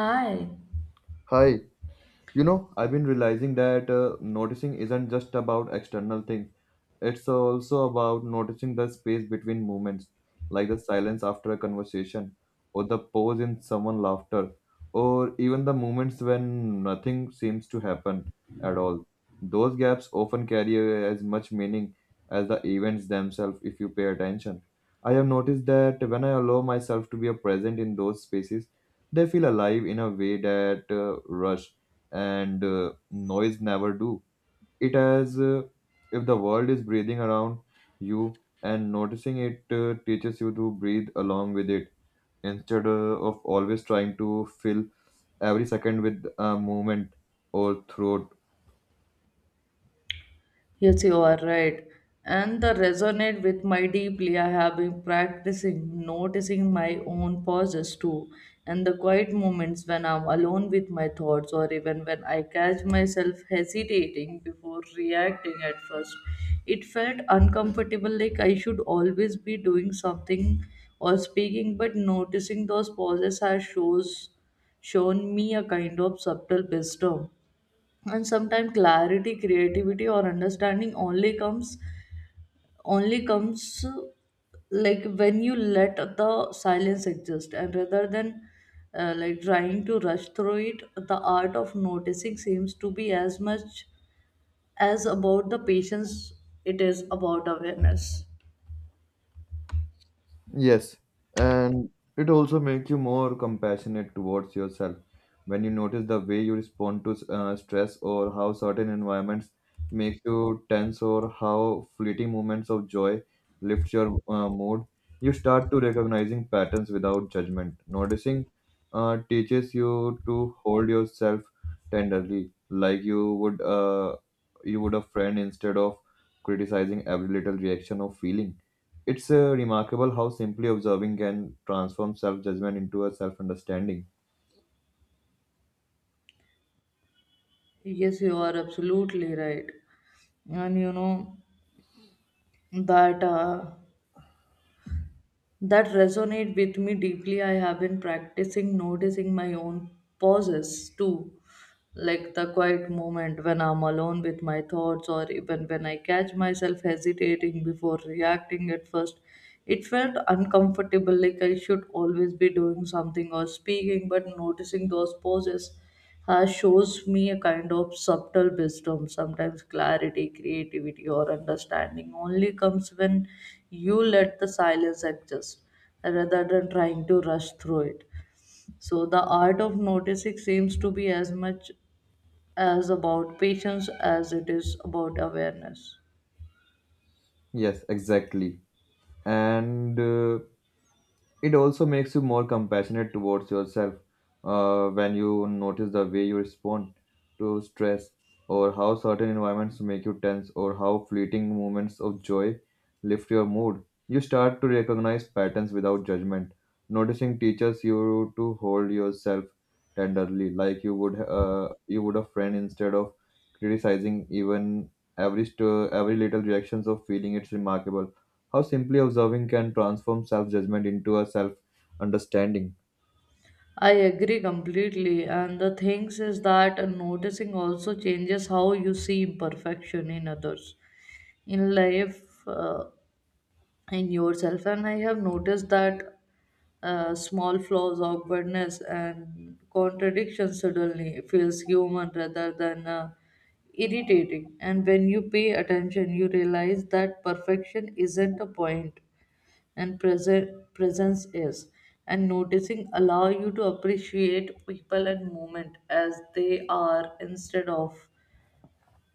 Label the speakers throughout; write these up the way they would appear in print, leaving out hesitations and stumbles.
Speaker 1: Hi.
Speaker 2: Hi. I've been realizing that noticing isn't just about external things. It's also about noticing the space between moments, like the silence after a conversation, or the pause in someone's laughter, or even the moments when nothing seems to happen at all. Those gaps often carry as much meaning as the events themselves if you pay attention. I have noticed that when I allow myself to be a present in those spaces, they feel alive in a way that rush and noise never do. It as if the world is breathing around you and noticing it teaches you to breathe along with it instead of always trying to fill every second with a movement or thought.
Speaker 1: Yes, you are right. And the resonate with my deeply. I have been practicing noticing my own pauses too, and the quiet moments when I'm alone with my thoughts, or even when I catch myself hesitating before reacting at first. It felt uncomfortable, like I should always be doing something or speaking, but noticing those pauses has shows shown me a kind of subtle wisdom. And sometimes clarity, creativity, or understanding only comes like when you let the silence exist, and rather than like trying to rush through it, the art of noticing seems to be as much as about the patience it is about awareness.
Speaker 2: Yes, and it also makes you more compassionate towards yourself when you notice the way you respond to stress or how certain environments make you tense or how fleeting moments of joy lift your mood. You start to recognizing patterns without judgment. Noticing teaches you to hold yourself tenderly, like you would a friend instead of criticizing every little reaction or feeling. It's remarkable how simply observing can transform self judgment into a self understanding.
Speaker 1: Yes, you are absolutely right. And you know, that uh, that resonate with me deeply. I have been practicing noticing my own pauses too, like the quiet moment when I'm alone with my thoughts, or even when I catch myself hesitating before reacting at first. It felt uncomfortable, like I should always be doing something or speaking, but noticing those pauses shows me a kind of subtle wisdom. Sometimes clarity, creativity, or understanding only comes when you let the silence adjust rather than trying to rush through it. So the art of noticing seems to be as much as about patience as it is about awareness.
Speaker 2: Yes, exactly. And it also makes you more compassionate towards yourself when you notice the way you respond to stress or how certain environments make you tense or how fleeting moments of joy lift your mood. You start to recognize patterns without judgment. Noticing teaches you to hold yourself tenderly, like you would a friend instead of criticizing even every little reactions of feeling. It's remarkable how simply observing can transform self judgment into a self understanding.
Speaker 1: I agree completely, and the things is that noticing also changes how you see imperfection in others, in life, in yourself. And I have noticed that small flaws, awkwardness, and contradictions suddenly feels human rather than irritating. And when you pay attention, you realize that perfection isn't a point and present presence is, and noticing allow you to appreciate people and moment as they are instead of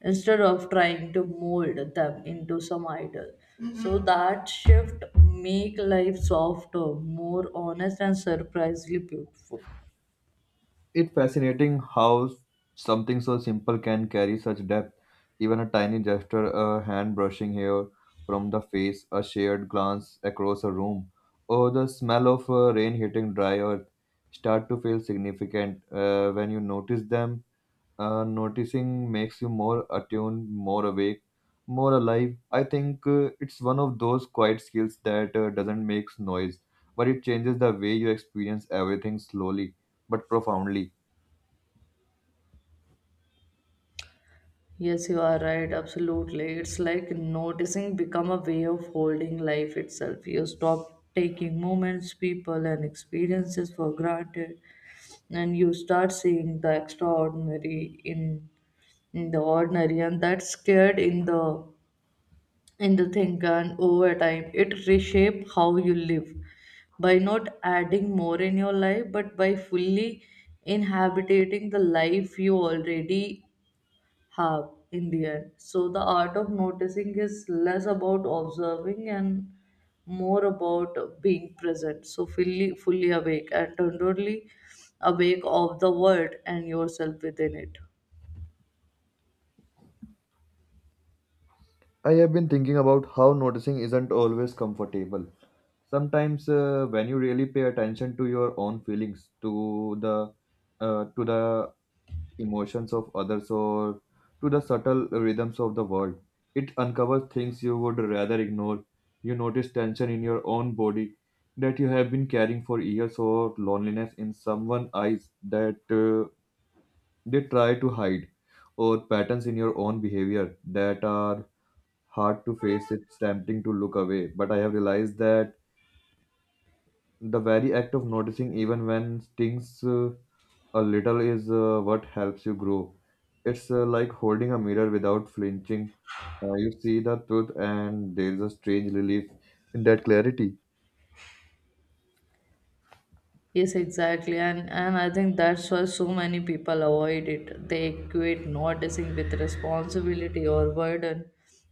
Speaker 1: instead of trying to mold them into some idol. So that shift make life softer, more honest, and surprisingly beautiful.
Speaker 2: It's fascinating how something so simple can carry such depth. Even a tiny gesture, a hand brushing hair from the face, a shared glance across a room, or the smell of rain hitting dry earth start to feel significant when you notice them. Noticing makes you more attuned, more awake, more alive. I think it's one of those quiet skills that doesn't make noise, but it changes the way you experience everything slowly but profoundly.
Speaker 1: Yes, you are right. Absolutely. It's like noticing become a way of holding life itself. You stop taking moments, people, and experiences for granted, and you start seeing the extraordinary in the ordinary, and that's scared in the thing. And over time, it reshape how you live by not adding more in your life, but by fully inhabiting the life you already have in the end. So the art of noticing is less about observing and more about being present. So fully awake and tenderly awake of the world and yourself within it.
Speaker 2: I have been thinking about how noticing isn't always comfortable. Sometimes, when you really pay attention to your own feelings, to the uh, to the emotions of others or to the subtle rhythms of the world. It uncovers things you would rather ignore. You notice tension in your own body that you have been carrying for years, or loneliness in someone's eyes that they try to hide, or patterns in your own behavior that are hard to face. It's tempting to look away, but I have realized that the very act of noticing, even when things a little, is what helps you grow. It's like holding a mirror without flinching. You see the truth, and there's a strange relief in that clarity.
Speaker 1: Yes, exactly. And I think that's why so many people avoid it. They equate noticing with responsibility or burden.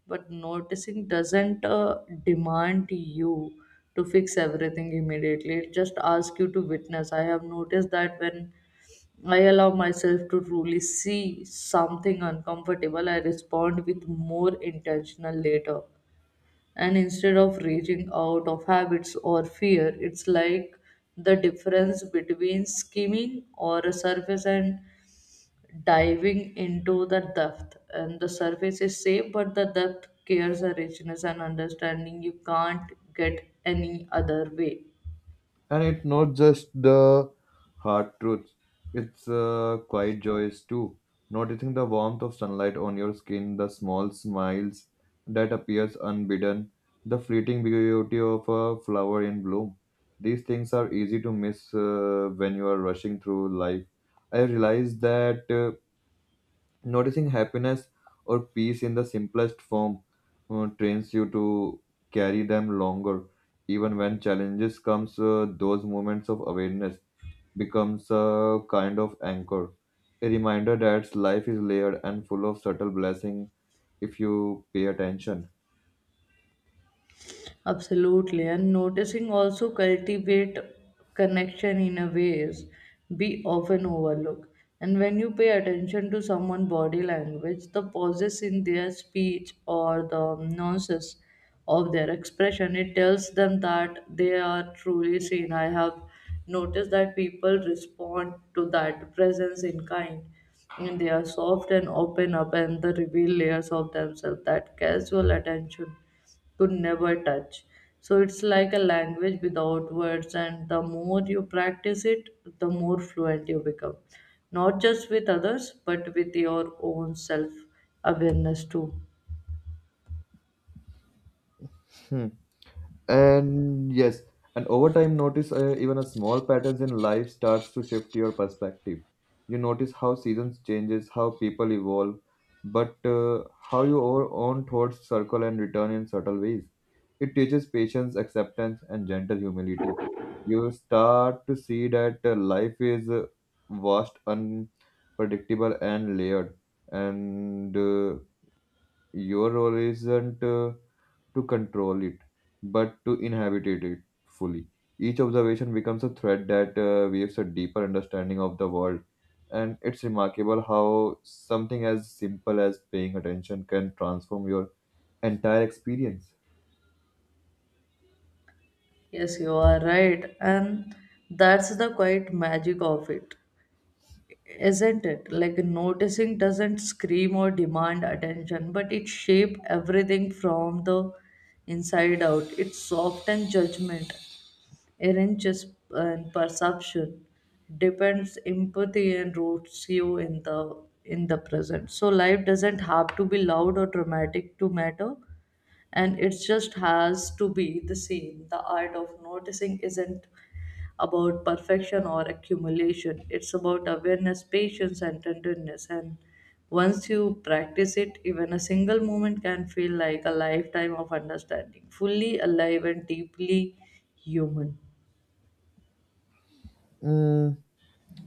Speaker 1: But noticing doesn't demand you to fix everything immediately. It just asks you to witness. I have noticed that when I allow myself to truly see something uncomfortable, I respond with more intentional later, and instead of reaching out of habits or fear, it's like the difference between skimming or a surface and diving into the depth, and the surface is safe but the depth carries a richness and understanding you can't get any other way.
Speaker 2: And it's not just the hard truths, it's quiet joys too. Noticing the warmth of sunlight on your skin, the small smiles that appears unbidden, the fleeting beauty of a flower in bloom, these things are easy to miss when you are rushing through life. I realized that noticing happiness or peace in the simplest form trains you to carry them longer. Even when challenges comes, those moments of awareness becomes a kind of anchor, a reminder that life is layered and full of subtle blessing if you pay attention.
Speaker 1: Absolutely. And noticing also cultivate connection in a ways we often overlook. And when you pay attention to someone's body language, the pauses in their speech or the nuances of their expression, it tells them that they are truly seen. I have noticed that people respond to that presence in kind. And they are soft and open up and they reveal layers of themselves that casual attention could never touch. So it's like a language without words, and the more you practice it, the more fluent you become, not just with others, but with your own self awareness too.
Speaker 2: Hmm. And yes, and over time, notice even a small patterns in life starts to shift your perspective. You notice how seasons changes, how people evolve, but how your own thoughts circle and return in subtle ways. It teaches patience, acceptance, and gentle humility. You start to see that life is vast, unpredictable, and layered, and your role isn't. To control it, but to inhabit it fully. Each observation becomes a thread that weaves a deeper understanding of the world, and it's remarkable how something as simple as paying attention can transform your entire experience.
Speaker 1: Yes, you are right, and that's the quite magic of it, isn't it? Like noticing doesn't scream or demand attention, but it shapes everything from the inside out. It's soft and judgment irreligious and perception depends empathy and roots you in the present. So life doesn't have to be loud or dramatic to matter, and it just has to be the same. The art of noticing isn't about perfection or accumulation. It's about awareness, patience, and tenderness, and once you practice it, even a single moment can feel like a lifetime of understanding, fully alive and deeply human.
Speaker 2: Mm,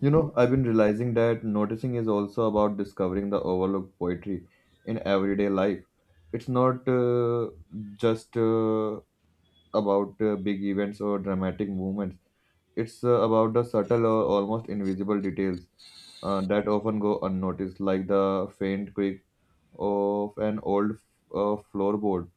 Speaker 2: you know, I've been realizing that noticing is also about discovering the overlooked poetry in everyday life. It's not just about big events or dramatic movements. It's about the subtle or almost invisible details that often go unnoticed, like the faint creak of an old floorboard,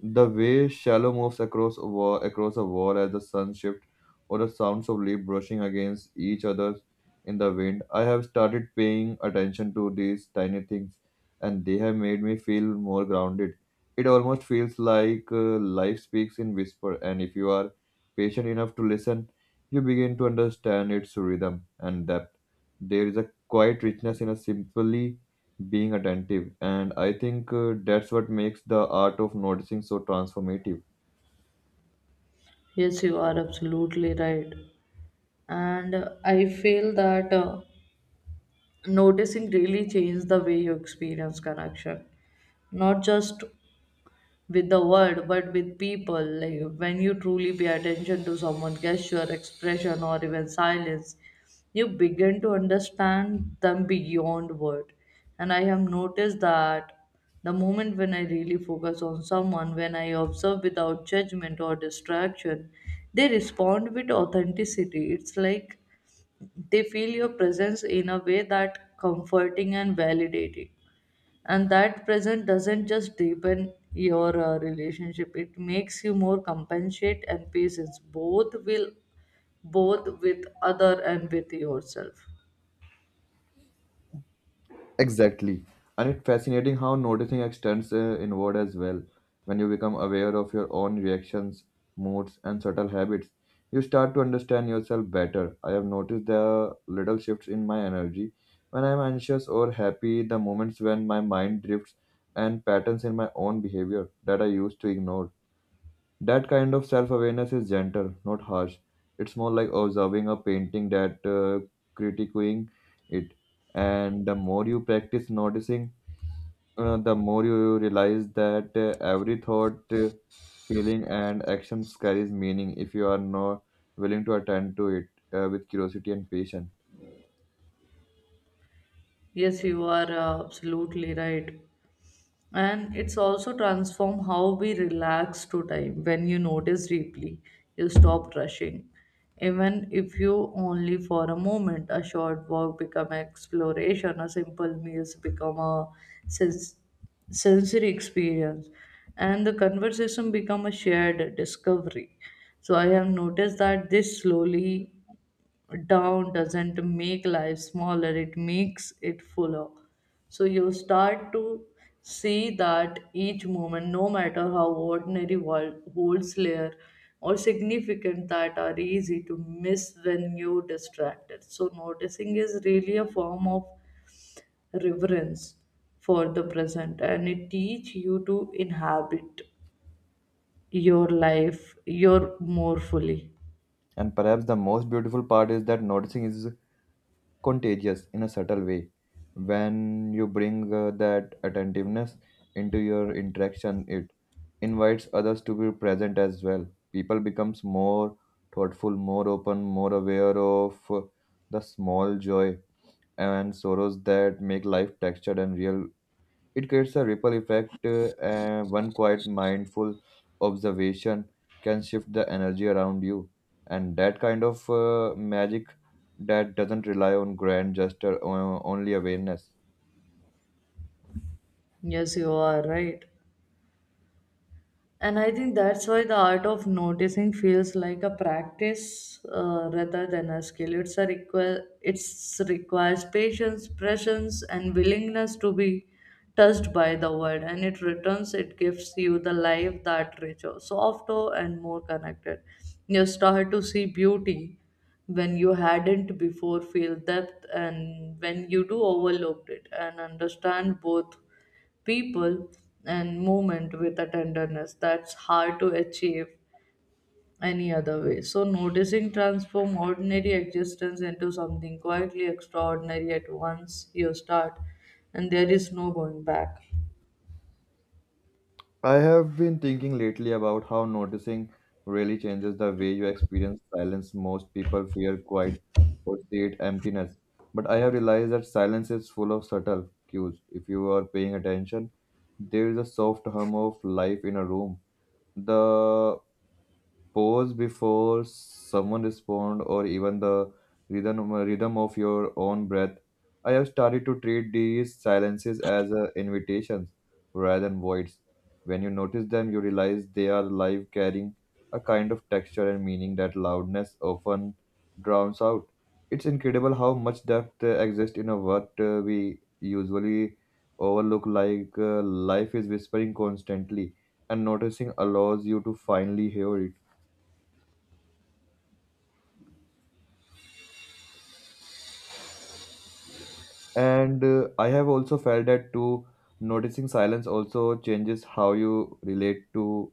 Speaker 2: the way Shallow moves across a wall as the sun shifts, or the sounds of leaves brushing against each other in the wind. I have started paying attention to these tiny things, and they have made me feel more grounded. It almost feels like life speaks in whisper, and if you are patient enough to listen, you begin to understand its rhythm and depth. There is a quiet richness in a simply being attentive. And I think that's what makes the art of noticing so transformative.
Speaker 1: Yes, you are absolutely right. And I feel that noticing really changes the way you experience connection, not just with the word but with people, like when you truly pay attention to someone gesture expression or even silence, you begin to understand them beyond word. And I have noticed that the moment when I really focus on someone, when I observe without judgment or distraction, they respond with authenticity. It's like they feel your presence in a way that comforting and validating, and that present doesn't just deepen your relationship, it makes you more compassionate and patient, both with other and with yourself.
Speaker 2: Exactly. And it's fascinating how noticing extends inward as well. When you become aware of your own reactions, moods, and subtle habits, you start to understand yourself better. I have noticed the little shifts in my energy. When I'm anxious or happy, the moments when my mind drifts, and patterns in my own behavior that I used to ignore. That kind of self awareness is gentle, not harsh. It's more like observing a painting that critiquing it. And the more you practice noticing, the more you realize that every thought, feeling, and action carries meaning if you are not willing to attend to it with curiosity and patience.
Speaker 1: Yes, you are absolutely right. And it's also transform how we relax to time. When you notice deeply, you stop rushing, even if you only for a moment. A short walk become exploration, a simple meals become a sens- sensory experience, and the conversation become a shared discovery. So I have noticed that this slowly down doesn't make life smaller, it makes it fuller. So you start to see that each moment no matter how ordinary world holds layer or significant that are easy to miss when you distracted. So noticing is really a form of reverence for the present, and it teach you to inhabit your life your more fully.
Speaker 2: And perhaps the most beautiful part is that noticing is contagious in a subtle way. When you bring that attentiveness into your interaction, it invites others to be present as well. People becomes more thoughtful, more open, more aware of the small joy and sorrows that make life textured and real. It creates a ripple effect, and one quiet, mindful observation can shift the energy around you. And that kind of magic that doesn't rely on grand gesture, only awareness.
Speaker 1: Yes, you are right. And I think that's why the art of noticing feels like a practice rather than a skill. It's a require, it's requires patience, presence, and willingness to be touched by the world. And it returns, it gives you the life that richer, softer, and more connected. You start to see beauty when you hadn't before, feel depth, and when you do overlooked it, and understand both people and movement with a tenderness that's hard to achieve any other way. So noticing transform ordinary existence into something quietly extraordinary at once you start, and there is no going back.
Speaker 2: I have been thinking lately about how noticing really changes the way you experience silence. Most people fear quiet or see it emptiness. But I have realized that silence is full of subtle cues. If you are paying attention, there is a soft hum of life in a room, the pause before someone respond, or even the rhythm of your own breath. I have started to treat these silences as invitations rather than voids. When you notice them, you realize they are live, carrying a kind of texture and meaning that loudness often drowns out. It's incredible how much depth exists in a what we usually overlook, like life is whispering constantly, and noticing allows you to finally hear it. And I have also felt that too, noticing silence also changes how you relate to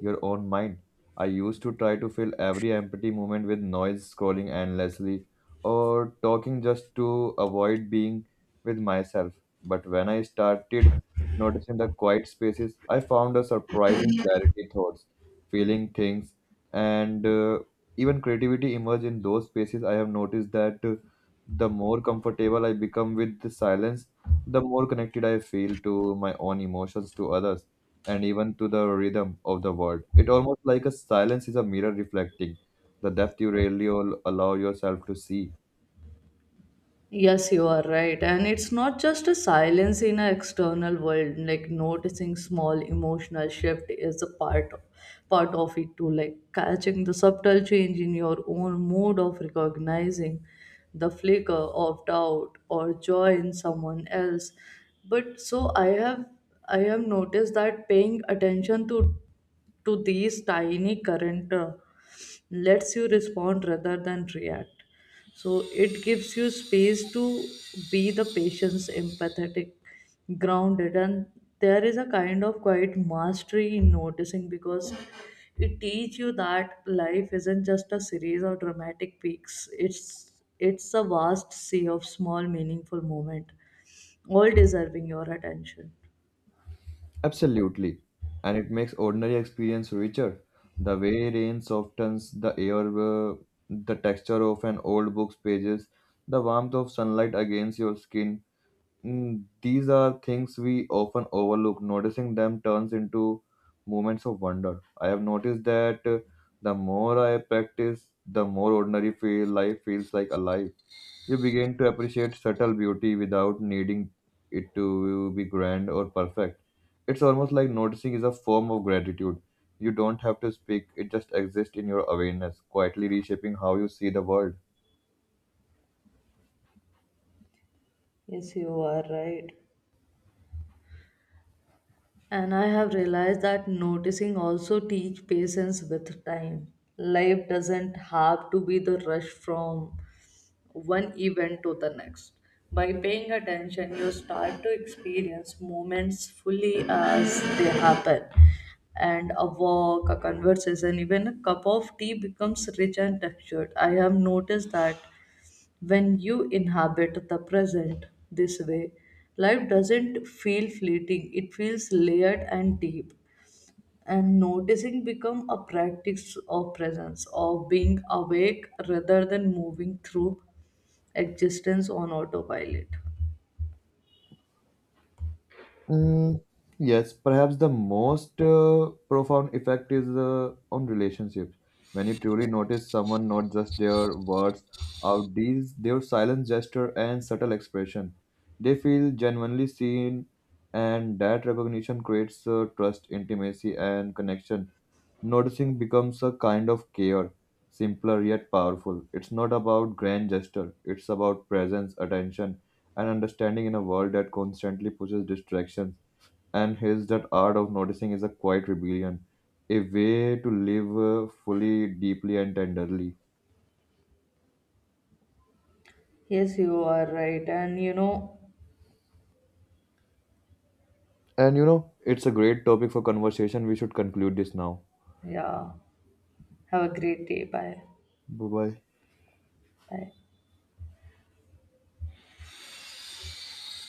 Speaker 2: your own mind. I used to try to fill every empty moment with noise, scrolling endlessly, or talking just to avoid being with myself. But when I started noticing the quiet spaces, I found a surprising clarity. Thoughts, feeling things, and even creativity emerge in those spaces. I have noticed that the more comfortable I become with the silence, the more connected I feel to my own emotions, to others, and even to the rhythm of the world. It almost like a silence is a mirror reflecting the depth you rarely allow yourself to see.
Speaker 1: Yes, you are right. And it's not just a silence in an external world, like noticing small emotional shift is a part of it too, like catching the subtle change in your own mood of recognizing the flicker of doubt or joy in someone else. But so I have noticed that paying attention to these tiny current lets you respond rather than react. So it gives you space to be the patient's empathetic grounded, and there is a kind of quiet mastery in noticing because it teaches you that life isn't just a series of dramatic peaks, it's a vast sea of small meaningful moment, all deserving your attention.
Speaker 2: Absolutely. And it makes ordinary experience richer. The way rain softens the air, the texture of an old book's pages, the warmth of sunlight against your skin, these are things we often overlook. Noticing them turns into moments of wonder. I have noticed that the more I practice, the more ordinary feel life feels like alive. You begin to appreciate subtle beauty without needing it to be grand or perfect. It's almost like noticing is a form of gratitude. You don't have to speak, it just exists in your awareness, quietly reshaping how you see the world.
Speaker 1: Yes, you are right. And I have realized that noticing also teach patience with time. Life doesn't have to be the rush from one event to the next. By paying attention, you start to experience moments fully as they happen. And a walk, a conversation, even a cup of tea becomes rich and textured. I have noticed that when you inhabit the present this way, life doesn't feel fleeting, it feels layered and deep. And noticing become a practice of presence, of being awake rather than moving through existence on autopilot.
Speaker 2: Mm, yes, perhaps the most profound effect is on relationships. When you truly notice someone, not just their words, our deeds, their silent gesture and subtle expression, they feel genuinely seen, and that recognition creates trust, intimacy, and connection. Noticing becomes a kind of care, simpler yet powerful. It's not about grand gesture; it's about presence, attention, and understanding. In a world that constantly pushes distraction and his that art of noticing is a quiet rebellion, a way to live fully, deeply, and tenderly.
Speaker 1: Yes, you are right. And you know,
Speaker 2: And you know, it's a great topic for conversation. We should conclude this now.
Speaker 1: yeah, have a great day. Bye.
Speaker 2: Bye bye.
Speaker 1: Bye.